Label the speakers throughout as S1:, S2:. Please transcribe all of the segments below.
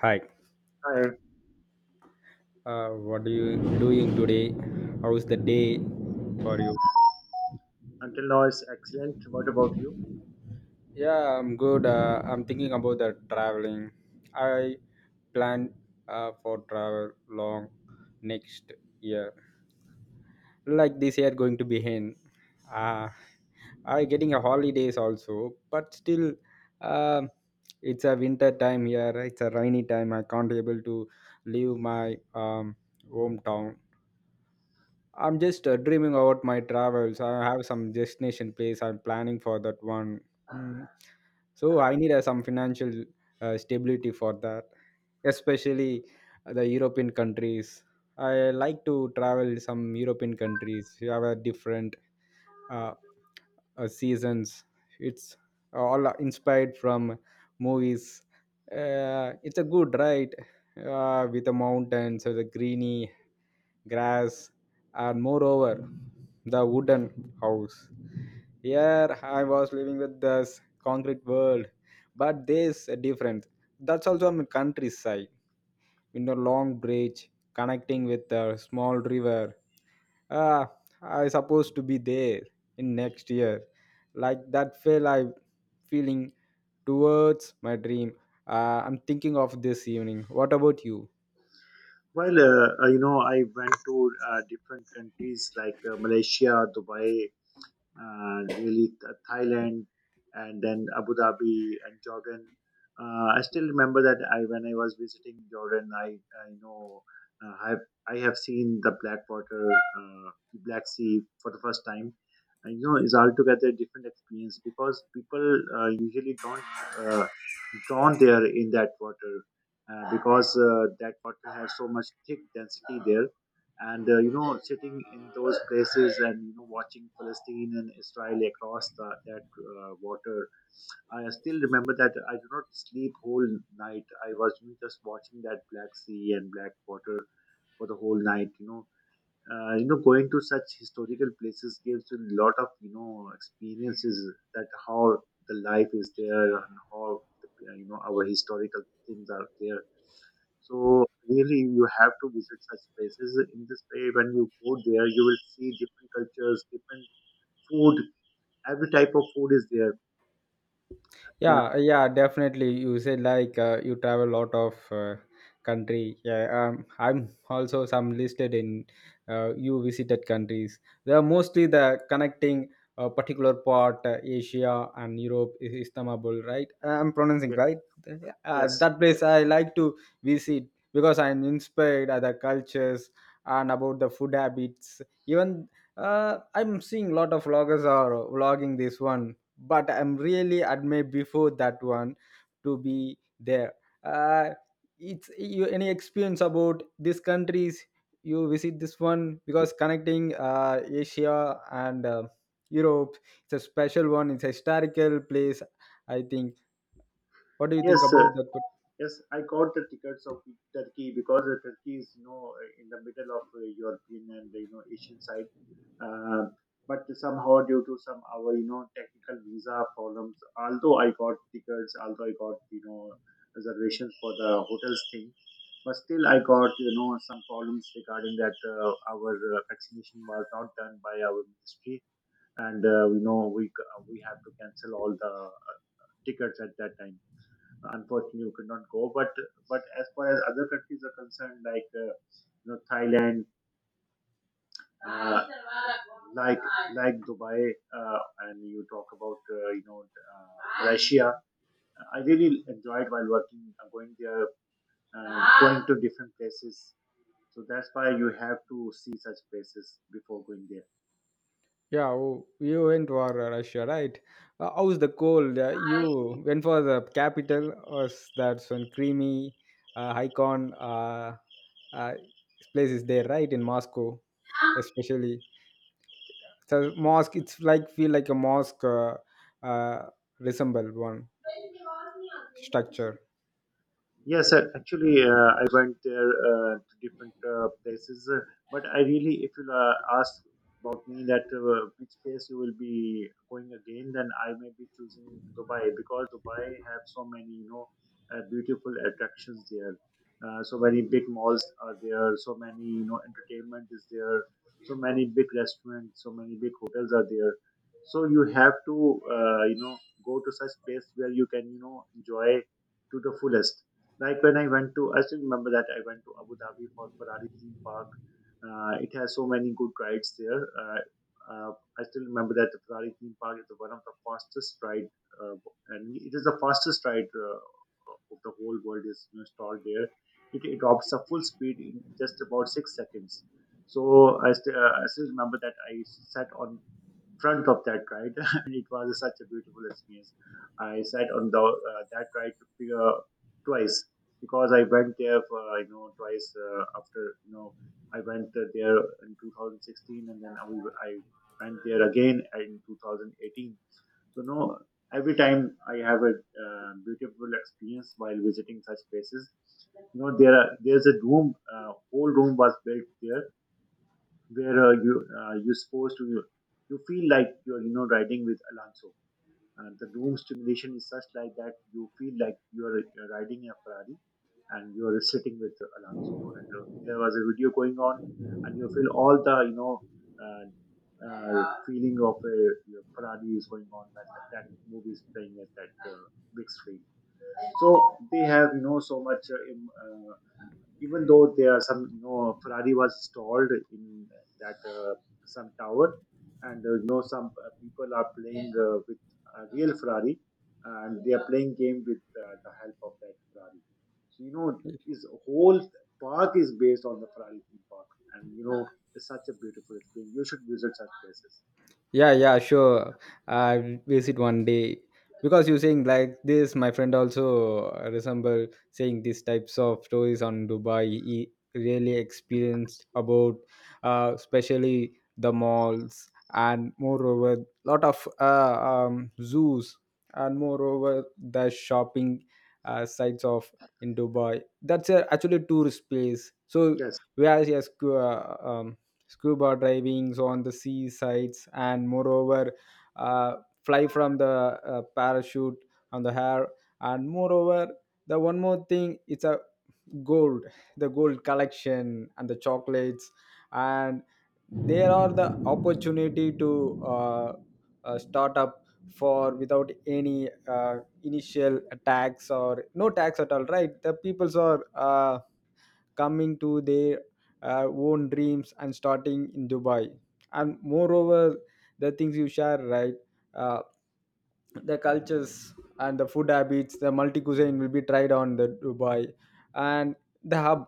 S1: Hi.
S2: Hi,
S1: What are you doing today? How's the day for you?
S2: until now it's excellent. What about you?
S1: Yeah, I'm good. I'm thinking about the traveling. I plan for travel long next year. Like this year going to be in. Uh, I getting a holidays also, but still, um it's a winter time here. It's a rainy time. I can't able to leave my hometown. I'm just dreaming about my travels. I have some destination place I'm planning for that one. Mm. So I need some financial stability for that, especially the European countries. I like to travel some European countries. You have a different uh, seasons. It's all inspired from movies. It's a good ride with the mountains, with the greeny grass, and moreover, the wooden house. Here I was living with this concrete world, but there's a difference. That's also on the countryside in a long bridge connecting with a small river. Uh, I supposed to be there in next year. Like that feel I feeling towards my dream. I'm thinking of this evening. What about you?
S2: Well, I went to different countries like Malaysia, Dubai, really Thailand, and then Abu Dhabi and Jordan. I still remember that I when I was visiting Jordan, I know, I have seen the Black Water, Black Sea for the first time. And, it's altogether a different experience because people usually don't uh, drawn there in that water because that water has so much thick density there, and sitting in those places and watching Palestine and Israel across that water. I still remember that I did not sleep whole night. I was, just watching that Black Sea and Black Water for the whole night. Going to such historical places gives you a lot of experiences, that how the life is there, and how our historical things are there. So really you have to visit such places. In this way, when you go there, you will see different cultures, different food. Every type of food is there. Um,
S1: Yeah, yeah, definitely you said like you travel a lot of country. Yeah, I'm also some listed in you visited countries, they are mostly the connecting a particular part, asia and europe is istanbul, right? I'm pronouncing
S2: yeah,
S1: right?
S2: yes,
S1: That
S2: yeah.
S1: place I like to visit because I'm inspired other cultures and about the food habits, even I'm seeing a lot of vloggers are vlogging this one, but I'm really admired before that one to be there. uh, it's you any experience about these countries you visit this one because connecting asia and europe. It's a special one, it's a historical place, I think. What do you think
S2: Yes.
S1: about that?
S2: Yes, I got the tickets of Turkey, because Turkey is, in the middle of European and Asian side, uh, but somehow due to some our technical visa problems, although I got tickets, although I got reservations for the hotels thing, but still I got some problems regarding that our vaccination was not done by our ministry, and we we have to cancel all the tickets at that time. Unfortunately, you could not go. But as far as other countries are concerned, like Thailand, uh, like like Dubai, and you talk about Russia. I really enjoyed while working, going there, going to different places. So that's why you have to see such places before going there.
S1: Yeah, you went for Russia, right? How's the cold? You went for the capital, was that one creamy icon uh, place is there, right? In Moscow, especially. So mosque, it's like feel like a mosque, uh, resemble one structure.
S2: Yes, actually, I went there to different places, but I really, if you ask about me that which place you will be going again, then I may be choosing Dubai, because Dubai have so many, beautiful attractions there. So many big malls are there. So many, entertainment is there. So many big restaurants. So many big hotels are there. So you have to, go to such place where you can, enjoy to the fullest, like when I went to, I still remember that I went to Abu Dhabi for Ferrari theme park. It has so many good rides there. Uh, I still remember that the Ferrari theme park is one of the fastest ride, uh, and it is the fastest ride of the whole world is installed there. It adopts a full speed in just about 6 seconds. So I still remember that I sat on front of that ride, and it was such a beautiful experience. I sat on the that ride twice, because I went there for twice after I went there in 2016, and then I went there again in 2018. So no, every time I have a beautiful experience while visiting such places. There's a room, whole room was built there, where you you feel like you're riding with Alonso. And the room stimulation is such like that you feel like you're riding a Ferrari, and you're sitting with Alonso. And there was a video going on, and you feel all the uh, feeling of a your Ferrari is going on when that movie is playing at that big screen. So they have so much, even though there are some Ferrari was stalled in that some tower, and some people are playing with a real Ferrari, and they are playing game with the help of that Ferrari. So his whole park is based on the Ferrari theme park, and it's such a beautiful experience, you should visit such places.
S1: Yeah, yeah, sure. I visit one day. Because you saying like this, my friend also resemble saying these types of stories on Dubai. He really experienced about, especially the malls and moreover lot of zoos and moreover the shopping sites of in Dubai. That's a, actually a tourist place. So
S2: Yes,
S1: where he has scuba divings on the sea sides and moreover uh, fly from the parachute on the hair, and moreover the one more thing, it's a gold, the gold collection and the chocolates, and there are the opportunity to start up for without any initial tax or no tax at all, right? The peoples are coming to their own dreams and starting in dubai. And moreover, the things you share, right? uh, the cultures and the food habits, the multi cuisine will be tried on the dubai. And the hub,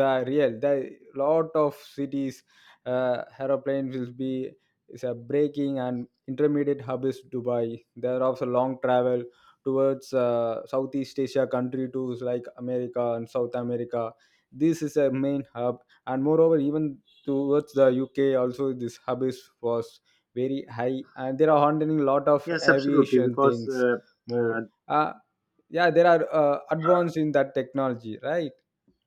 S1: the real, the lot of cities, aeroplanes will be, is a breaking and intermediate hub is dubai. There are also long travel towards southeast asia country to like america and south america, this is a main hub. And moreover, even towards the uk also, this hub is was very high, and there are handling a lot of
S2: yes, absolutely,
S1: aviation
S2: because
S1: things. More,
S2: uh,
S1: uh yeah, there are advanced in that technology, right?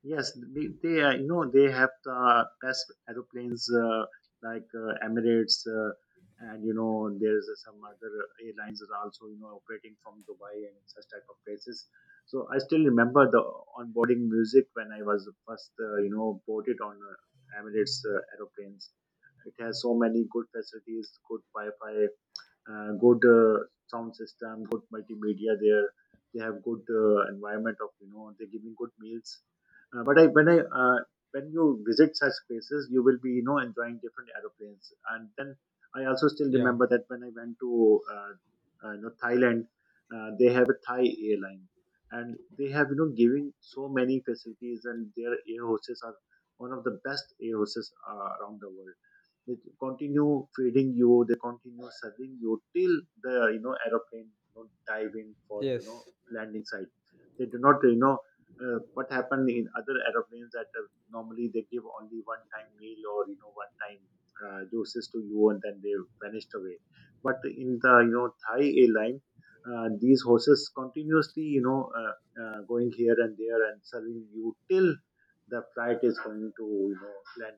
S2: yes, they they have the best aeroplanes, like Emirates, and there's some other airlines are also operating from Dubai and such type of places. So I still remember the onboarding music when I was first boarded on Emirates aeroplanes. It has so many good facilities, good Wi-Fi, good sound system, good multimedia there. They have good environment of they're giving good meals. But I when you visit such places, you will be enjoying different aeroplanes. And then I also still
S1: Yeah,
S2: remember that when I went to Thailand, they have a Thai airline, and they have giving so many facilities, and their air hostess are one of the best air hostess around the world. They continue feeding you. They continue serving you till the aeroplane, dive in for the
S1: yes.
S2: landing site. They do not what happened in other aeroplanes, that normally they give only one time meal or one time juices to you, and then they vanished away. But in the Thai airline, these horses continuously going here and there, and serving you till the flight is going to land.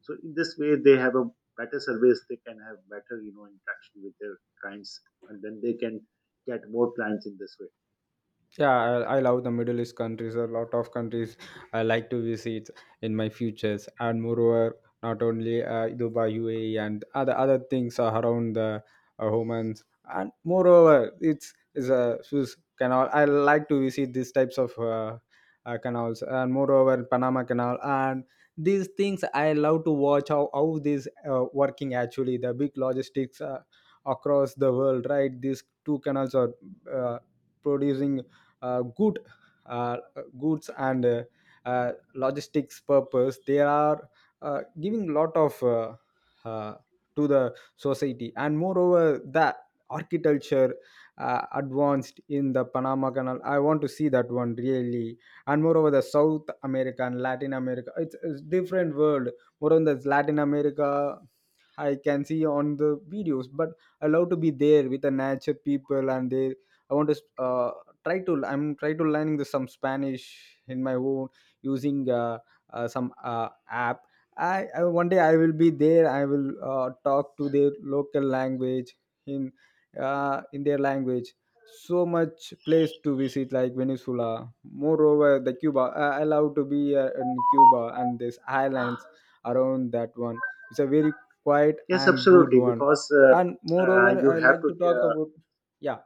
S2: So in this way, they have a better service. They can have better, interaction with their clients, and then they can get more clients in this way.
S1: Yeah, I love the Middle East countries. A lot of countries I like to visit in my futures, and moreover, not only Dubai, UAE, and other things are around the humans. And moreover, it's is a Suez Canal. I like to visit these types of canals, and moreover, Panama Canal, and these things I love to watch how these working actually the big logistics across the world. Right, these two canals are uh, producing good uh, goods and logistics purpose, they are giving lot of uh, to the society, and moreover that architecture advanced in the panama canal. I want to see that one really. And moreover, the south america and latin america, it's different world. Moreover, there's latin america, I can see on the videos, but I love to be there with the nature people and they, I want to try to, I'm try to learning the, some spanish in my own using some app. I one day I will be there, I will talk to their local language in in their language. So much place to visit like venezuela, moreover the cuba, I love to be in cuba and this islands around that one. It's a very quiet
S2: Yes,
S1: and good
S2: absolutely,
S1: one.
S2: because
S1: And moreover
S2: you
S1: I
S2: have
S1: like
S2: to.
S1: to talk about, yeah,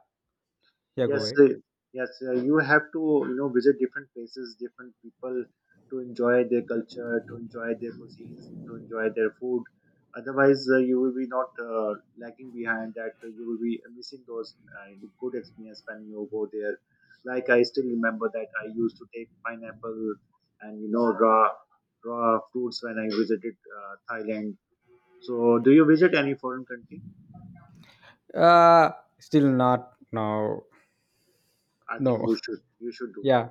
S1: yeah, go
S2: Yes,
S1: ahead.
S2: yes, you have to visit different places, different people, to enjoy their culture, to enjoy their cuisines, to enjoy their food. Otherwise, you will be not lagging behind that. You will be missing those good experience when you go there. Like, I still remember that I used to take pineapple and raw fruits when I visited Thailand. So, do you visit any foreign country?
S1: Uh, still not now.
S2: I think
S1: No.
S2: we should. You should do.
S1: Yeah.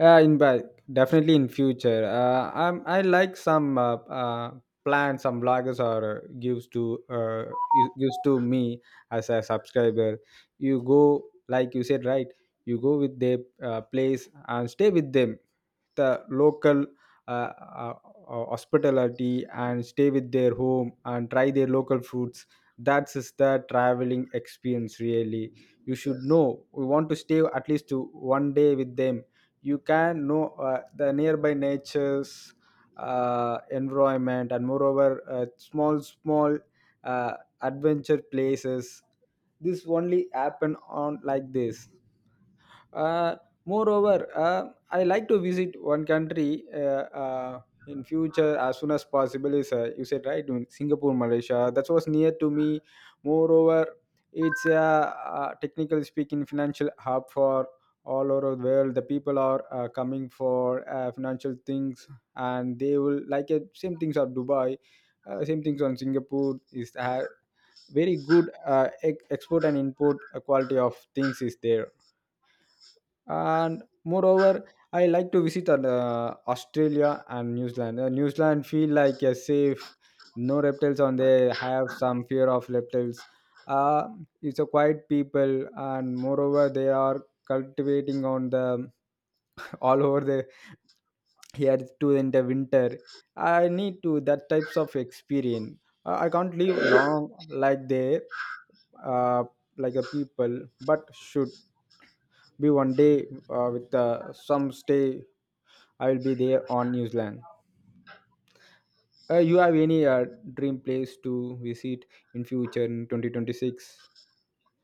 S1: In but definitely in future. I'm I like some uh, plans, some bloggers are gives to gives to me as a subscriber. You go like you said, right. You go with their place and stay with them. The local uh, uh, hospitality and stay with their home and try their local foods. That's is the traveling experience really. You should
S2: Yes.
S1: know. We want to stay at least to one day with them, you can know the nearby nature's environment, and moreover small small uh, adventure places. This only happen on like this. uh, moreover, I like to visit one country in future as soon as possible. Is you said right? In Singapore, Malaysia. That was near to me. Moreover, it's a technically speaking financial hub for all over the world. The people are coming for financial things, and they will like it. Same things are Dubai. Same things on Singapore is very good export and import quality of things is there. And moreover I like to visit australia and new zealand. New zealand feel like a safe, no reptiles on there, have some fear of reptiles. uh, it's a quiet people, and moreover they are cultivating on the all over the here to in the winter. I need to that types of experience. I can't live long like there, uh, like a people, but should be one day with some stay. I will be there on New Zealand. You have any dream place to visit in future in 2026?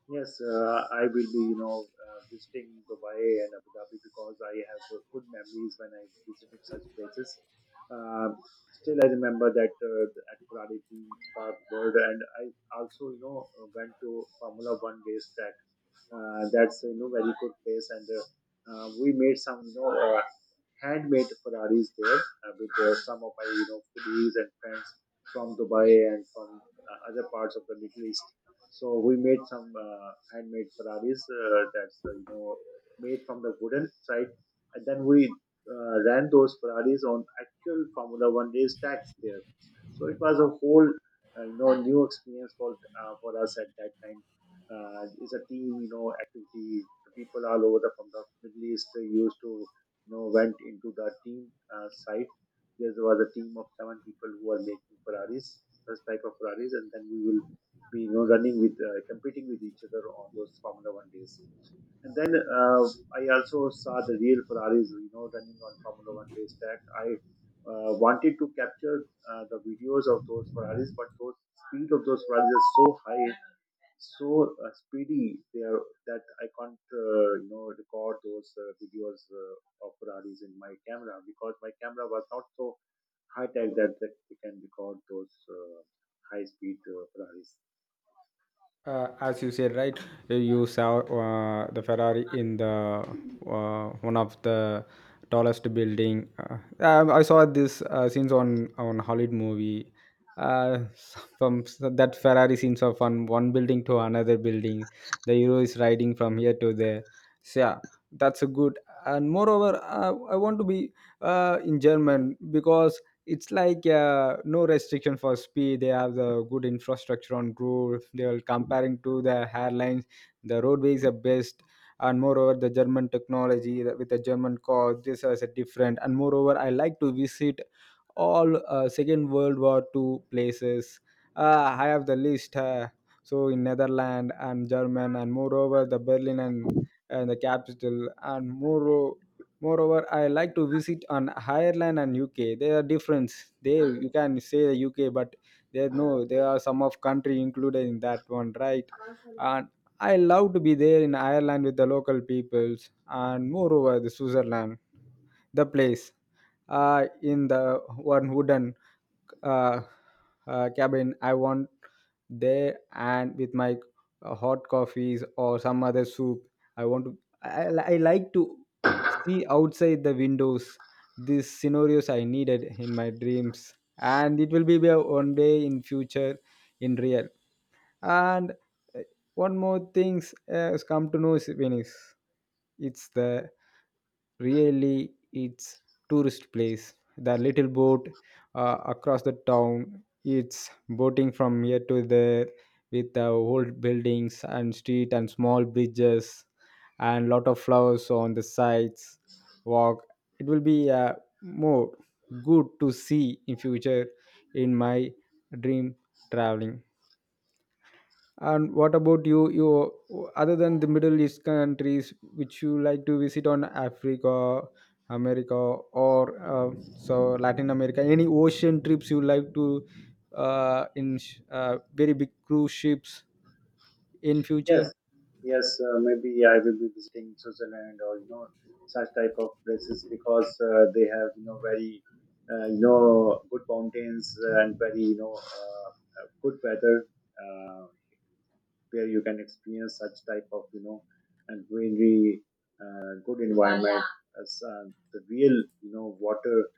S2: Yes, I will be, visiting Dubai and Abu Dhabi, because I have good memories when I visited such places. Um Still, I remember that at Ferrari theme park world, and I also, went to Formula One race track. That's very good place, and we made some, handmade Ferraris there with some of my, colleagues and friends from Dubai and from other parts of the Middle East. So we made some handmade Ferraris, that's made from the wooden side, and then we ran those Ferraris on actual Formula One race tracks there. So it was a whole new experience for us at that time. It's a team activity. The people all over the from the Middle East they used to went into the team site. There was a team of seven people who are making Ferraris, this type of Ferraris, and then we will be, running with, competing with each other on those Formula One days. And then I also saw the real Ferraris, running on Formula One race track. I wanted to capture the videos of those Ferraris, but those speed of those Ferraris is so high, so speedy they are, that I can't, record those videos of Ferraris in my camera, because my camera was not so high tech that we can record those high speed Ferraris.
S1: As you said, right, you saw the Ferrari in the one of the tallest building. I saw this scenes on Hollywood movie. Uh, that Ferrari scenes of from one building to another building, the hero is riding from here to there. So yeah, that's a good. And moreover, I want to be in German, because it's like no restriction for speed. They have the good infrastructure on road, they are comparing to the airlines the roadways are best. And moreover, the german technology with the german car, this is a different. And moreover I like to visit all second world war two places. I have the list. So in netherlands and german, and moreover the berlin, and the capital and more. Moreover, I like to visit on Ireland and UK. There are difference. They you can say the UK, but there no, there are some of country included in that one, right? And I love to be there in Ireland with the local peoples, and moreover the Switzerland, the place, in the one wooden uh, cabin I want there and with my hot coffees or some other soup. I want to. I like to see outside the windows, these scenarios I needed in my dreams, and it will be there one day in future in real. And uh, one more things has come to know is venice. It's the, really it's tourist place. The little boat across the town, it's boating from here to there, with the old buildings and street and small bridges and lot of flowers on the sides walk. It will be more good to see in future in my dream traveling. And what about you? You other than the Middle East countries, which you like to visit on Africa, America, or so Latin America? Any ocean trips you like to very big cruise ships in future?
S2: Yes, yes. Maybe I will be visiting Switzerland or such type of places, because they have very good mountains, and very good weather uh, where you can experience such type of and greenery, good environment, as the real water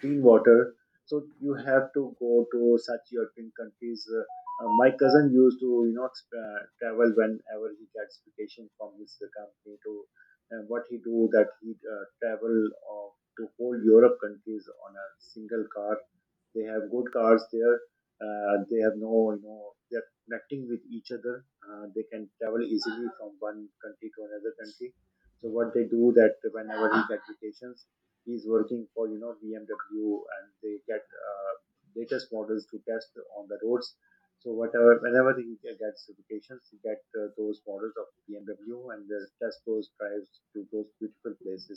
S2: clean water. So you have to go to such European countries. My cousin used to, travel whenever he gets vacation from his company to, and what he do that he travel uh, to whole Europe countries on a single car. They have good cars there. They have no, they're connecting with each other. They can travel easily from one country to another country. So what they do that whenever he get vacations, he's working for BMW and they get latest models to test on the roads. So whenever he gets certifications, he get those models of BMW and they test those drives to those beautiful places.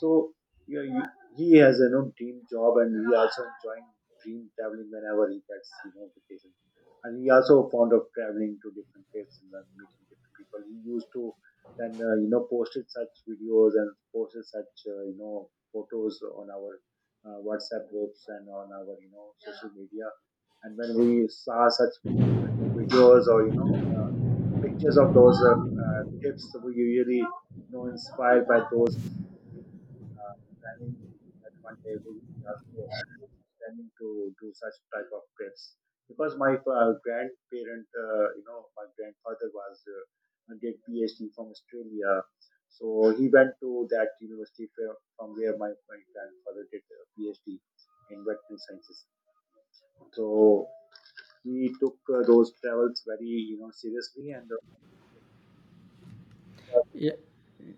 S2: So he has a dream job and he also enjoying dream traveling whenever he gets vacation. And he also fond of traveling to different places and meeting different people. He used to then posted such videos and posted such photos on our whatsapp groups and on our social media and when we saw such videos or uh, pictures of those tips we usually inspired by those uh, planning that one day we will also planning to do such type of trips because my grandparent, my grandfather was did PhD from Australia, so he went to that university from where my grandfather did a PhD in veterinary sciences. So we took those travels very seriously and. Uh,
S1: Ye-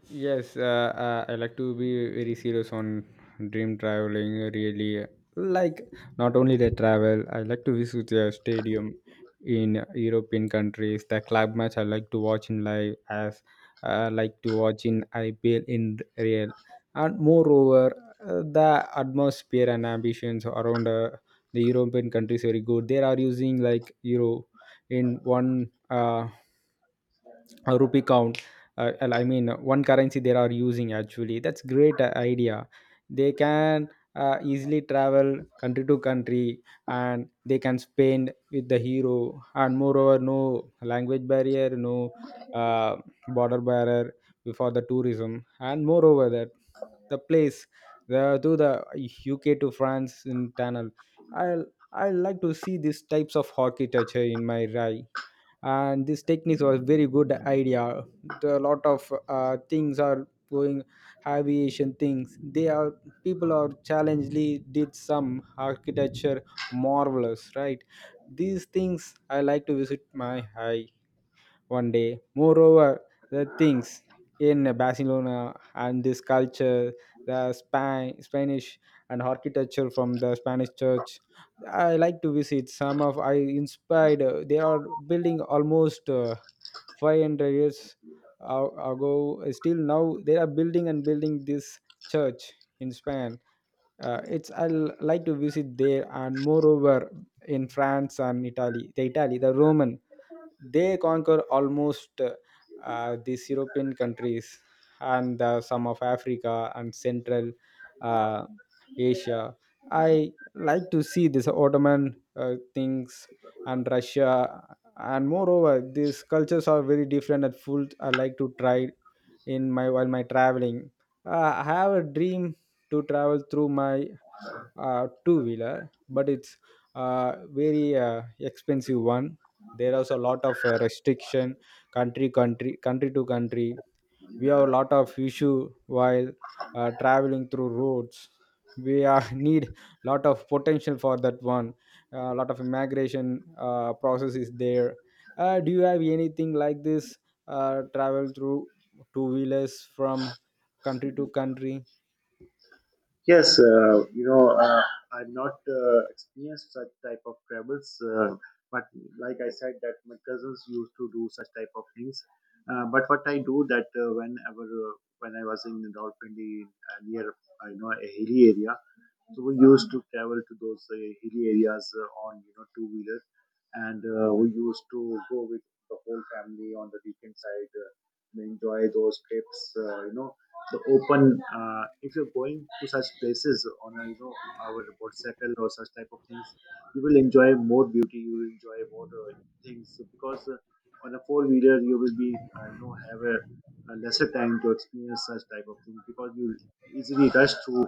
S1: yes, I like to be very serious on dream traveling. Really, like not only the travel, I like to visit the stadium in European countries. The club match I like to watch in live, as I like to watch in IPL in real, and moreover, the atmosphere and ambitions around the European countries very good. They are using like euro in one. A rupee count and I mean one currency they are using actually, that's great idea. They can easily travel country to country, and they can spend with the hero. And moreover, no language barrier, no uh, border barrier for the tourism. And moreover that, the place, the uk to france in tunnel. I i like to see these types of architecture in my rai, and this techniques was very good idea. The lot of things are going, aviation things. They are people are challengely did some architecture, marvelous, right? These things I like to visit my eye one day. Moreover, the things in Barcelona and this culture, the Spanish and architecture from the Spanish church, I like to visit. Some of I inspired. They are building almost 500 years ago. Still now they are building and building this church in Spain. It's I like to visit there. And moreover in France and Italy, the Roman, they conquer almost these European countries and some of Africa and Central uh, Asia. I like to see this Ottoman things and Russia. And moreover, these cultures are very different and full. I like to try in my while my traveling. Uh, I have a dream to travel through my two wheeler, but it's very expensive one. There is a lot of restriction country country to country. We have a lot of issue while traveling through roads. We are need lot of potential for that one. A lot of immigration process is there. Do you have anything like this, travel through two wheelers from country to country?
S2: Yes, I've not experienced such type of travels, but like I said, that my cousins used to do such type of things. But what I do that when I was in Rawalpindi near a hilly area, so we used to travel to those hilly areas on two wheeler and we used to go with the whole family on the weekend side and enjoy those trips the open if you're going to such places on a our motorcycle or such type of things you will enjoy more beauty you will enjoy more things because on a four wheeler you will be have a lesser time to experience such type of things because you easily rush through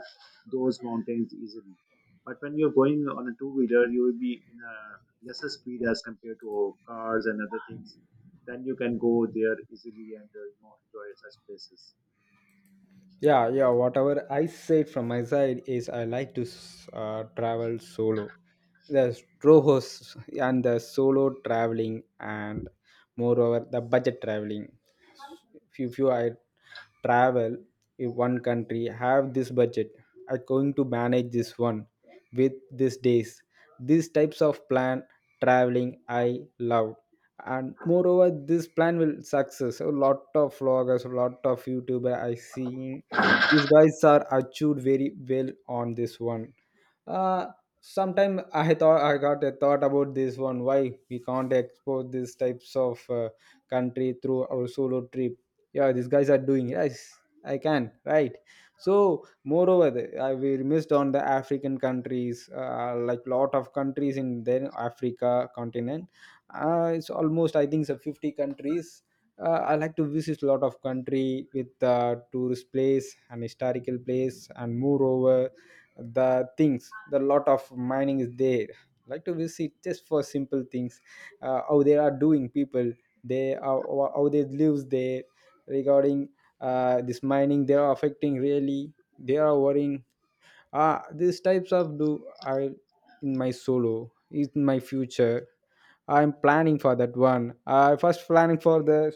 S2: those mountains easily, but when you're going on a two-wheeler, you will be in a lesser speed as compared to cars and other things. Then you can go there easily and enjoy such places.
S1: Yeah, yeah. Whatever I said from my side is I like to travel solo. The strohos and the solo traveling, and moreover the budget traveling. If you, I travel in one country, have this budget, I going to manage this one with these days. These types of plan traveling I love. And moreover this plan will success. A lot of vloggers, a lot of youtuber I see, these guys are achieved very well on this one. uh Sometime I thought, I got a thought about this one, why we can't export these types of country through our solo trip? Yeah, these guys are doing, yes I can, right? So moreover I we missed on the african countries, like lot of countries in the africa continent. It's almost I think so 50 countries. I like to visit a lot of country with tourist place and historical place. And moreover, the things, the lot of mining is there. Like to visit just for simple things, how they are doing people, they how, how they lives there regarding this mining. They are affecting really. They are worrying. Ah, these types of do I in my solo in my future. I'm planning for that one. I first planning for the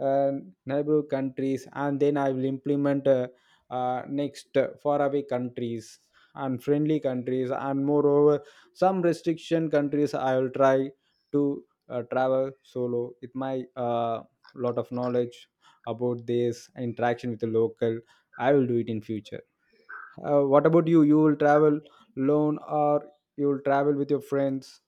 S1: uh, neighbor countries, and then I will implement next faraway countries and friendly countries, and moreover some restriction countries. I will try to travel solo with my lot of knowledge about this interaction with the local. I will do it in future. What about you? You will travel alone, or you will travel with your friends?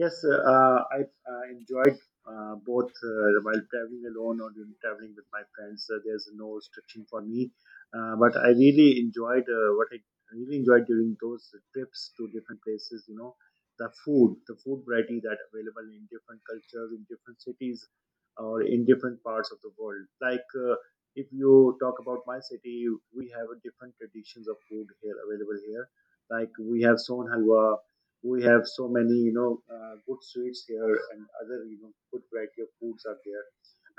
S2: Yes, I enjoyed both while traveling alone or during traveling with my friends. There's no restriction for me, but I really enjoyed what I really enjoyed during those trips to different places. You know, the food variety that available in different cultures, in different cities, or in different parts of the world. Like if you talk about my city, we have a different traditions of food here available here. Like we have son halwa, we have so many good sweets here and other good variety of foods are there.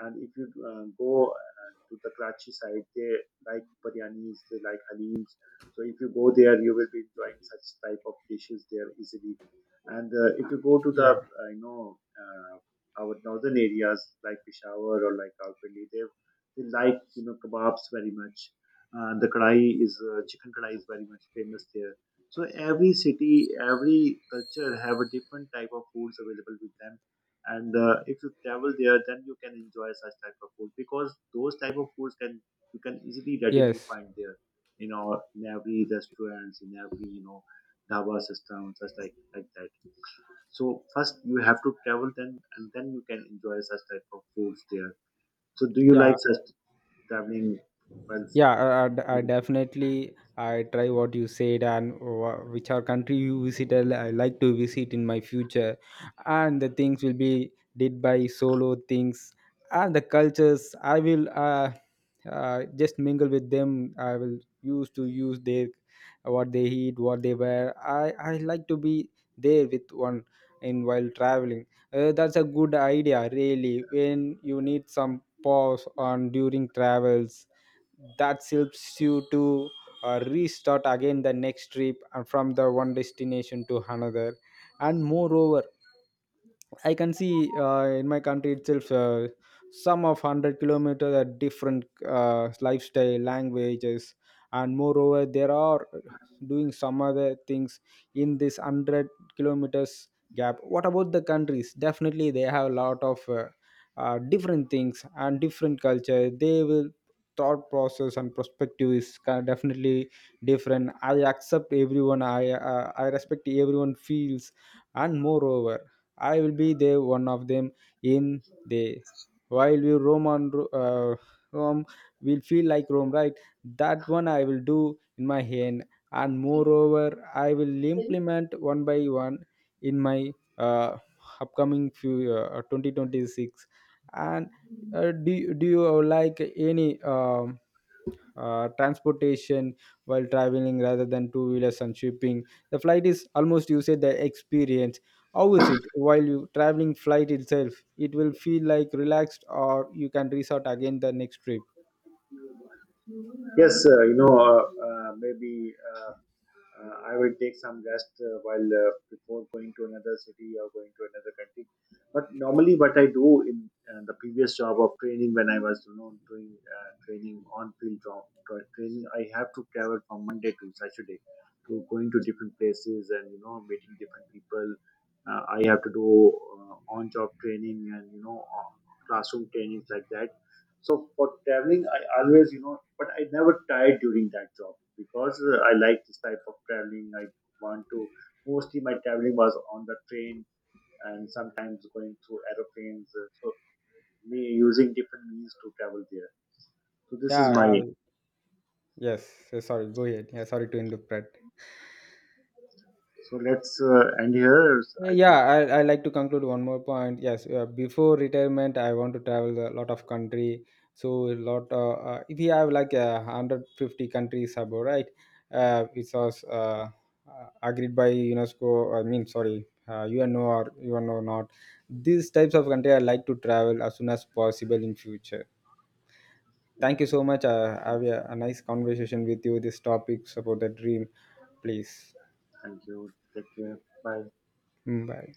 S2: And if you go to the Karachi side, they like biryanis, they like halims. So if you go there you will be enjoying such type of dishes there easily. And if you go to the
S1: Yeah.
S2: uh, you know uh, our northern areas like Peshawar or like Rawalpindi, they like kebabs very much. The kadai is Chicken kadai is very much famous there. So every city, every culture have a different type of foods available with them. And if you travel there, then you can enjoy such type of food because those type of foods can you can easily readily
S1: Yes.
S2: find there. You know, in every restaurants, in every dhaba system, such like that. So first you have to travel, then and then you can enjoy such type of foods there. So do you
S1: Yeah,
S2: like such traveling while
S1: yeah. I
S2: food?
S1: definitely I try what you said. And which are country you visited, I like to visit in my future. And the things will be did by solo things. And the cultures, I will just mingle with them. I will use to use their, what they eat, what they wear. I i like to be there with one in while traveling. That's a good idea, really, when you need some pause on during travels. That helps you to restart again the next trip and from the one destination to another. And moreover, I can see in my country itself some of 100 kilometers are different lifestyle, languages. And moreover, there are doing some other things in this 100 kilometers gap. What about the countries? Definitely, they have a lot of different things and different culture. They will thought process and perspective is definitely different. I accept everyone, I respect everyone feels. And moreover, I will be there one of them in the while we roam on rome, will feel like rome, right? That one I will do in my hand. And moreover, I will implement one by one in my uh, upcoming few 2026. And do you like any transportation while traveling rather than two wheelers and shipping? The flight is almost you said the experience. How is it while you traveling flight itself? It will feel like relaxed, or you can resort again the next trip?
S2: Yes, maybe I will take some rest while before going to another city or going to another country. But normally, what I do in the previous job of training, when I was doing training on field job training, I have to travel from Monday to Saturday to going to different places and meeting different people. I have to do on job training and classroom trainings like that. So for traveling, I always, but I never tired during that job because I like this type of traveling. Want to, Mostly my traveling was on the train and sometimes going through aeroplanes. So me using different means to travel there. So this is my,
S1: Yeah, yeah, yes. Sorry, go ahead. Yeah, sorry to interrupt.
S2: so let's end here. I
S1: Yeah,
S2: think,
S1: I like to conclude one more point. Yes, before retirement I want to travel a lot of country. So a lot, if you have like 150 countries above, right? Which was agreed by unesco, I mean sorry, uno or uno not. These types of country I like to travel as soon as possible in future. Thank you so
S2: okay,
S1: much. Have a nice conversation with you, this topic about the dream. Please.
S2: thank you. Take care. Bye.
S1: Mm, bye.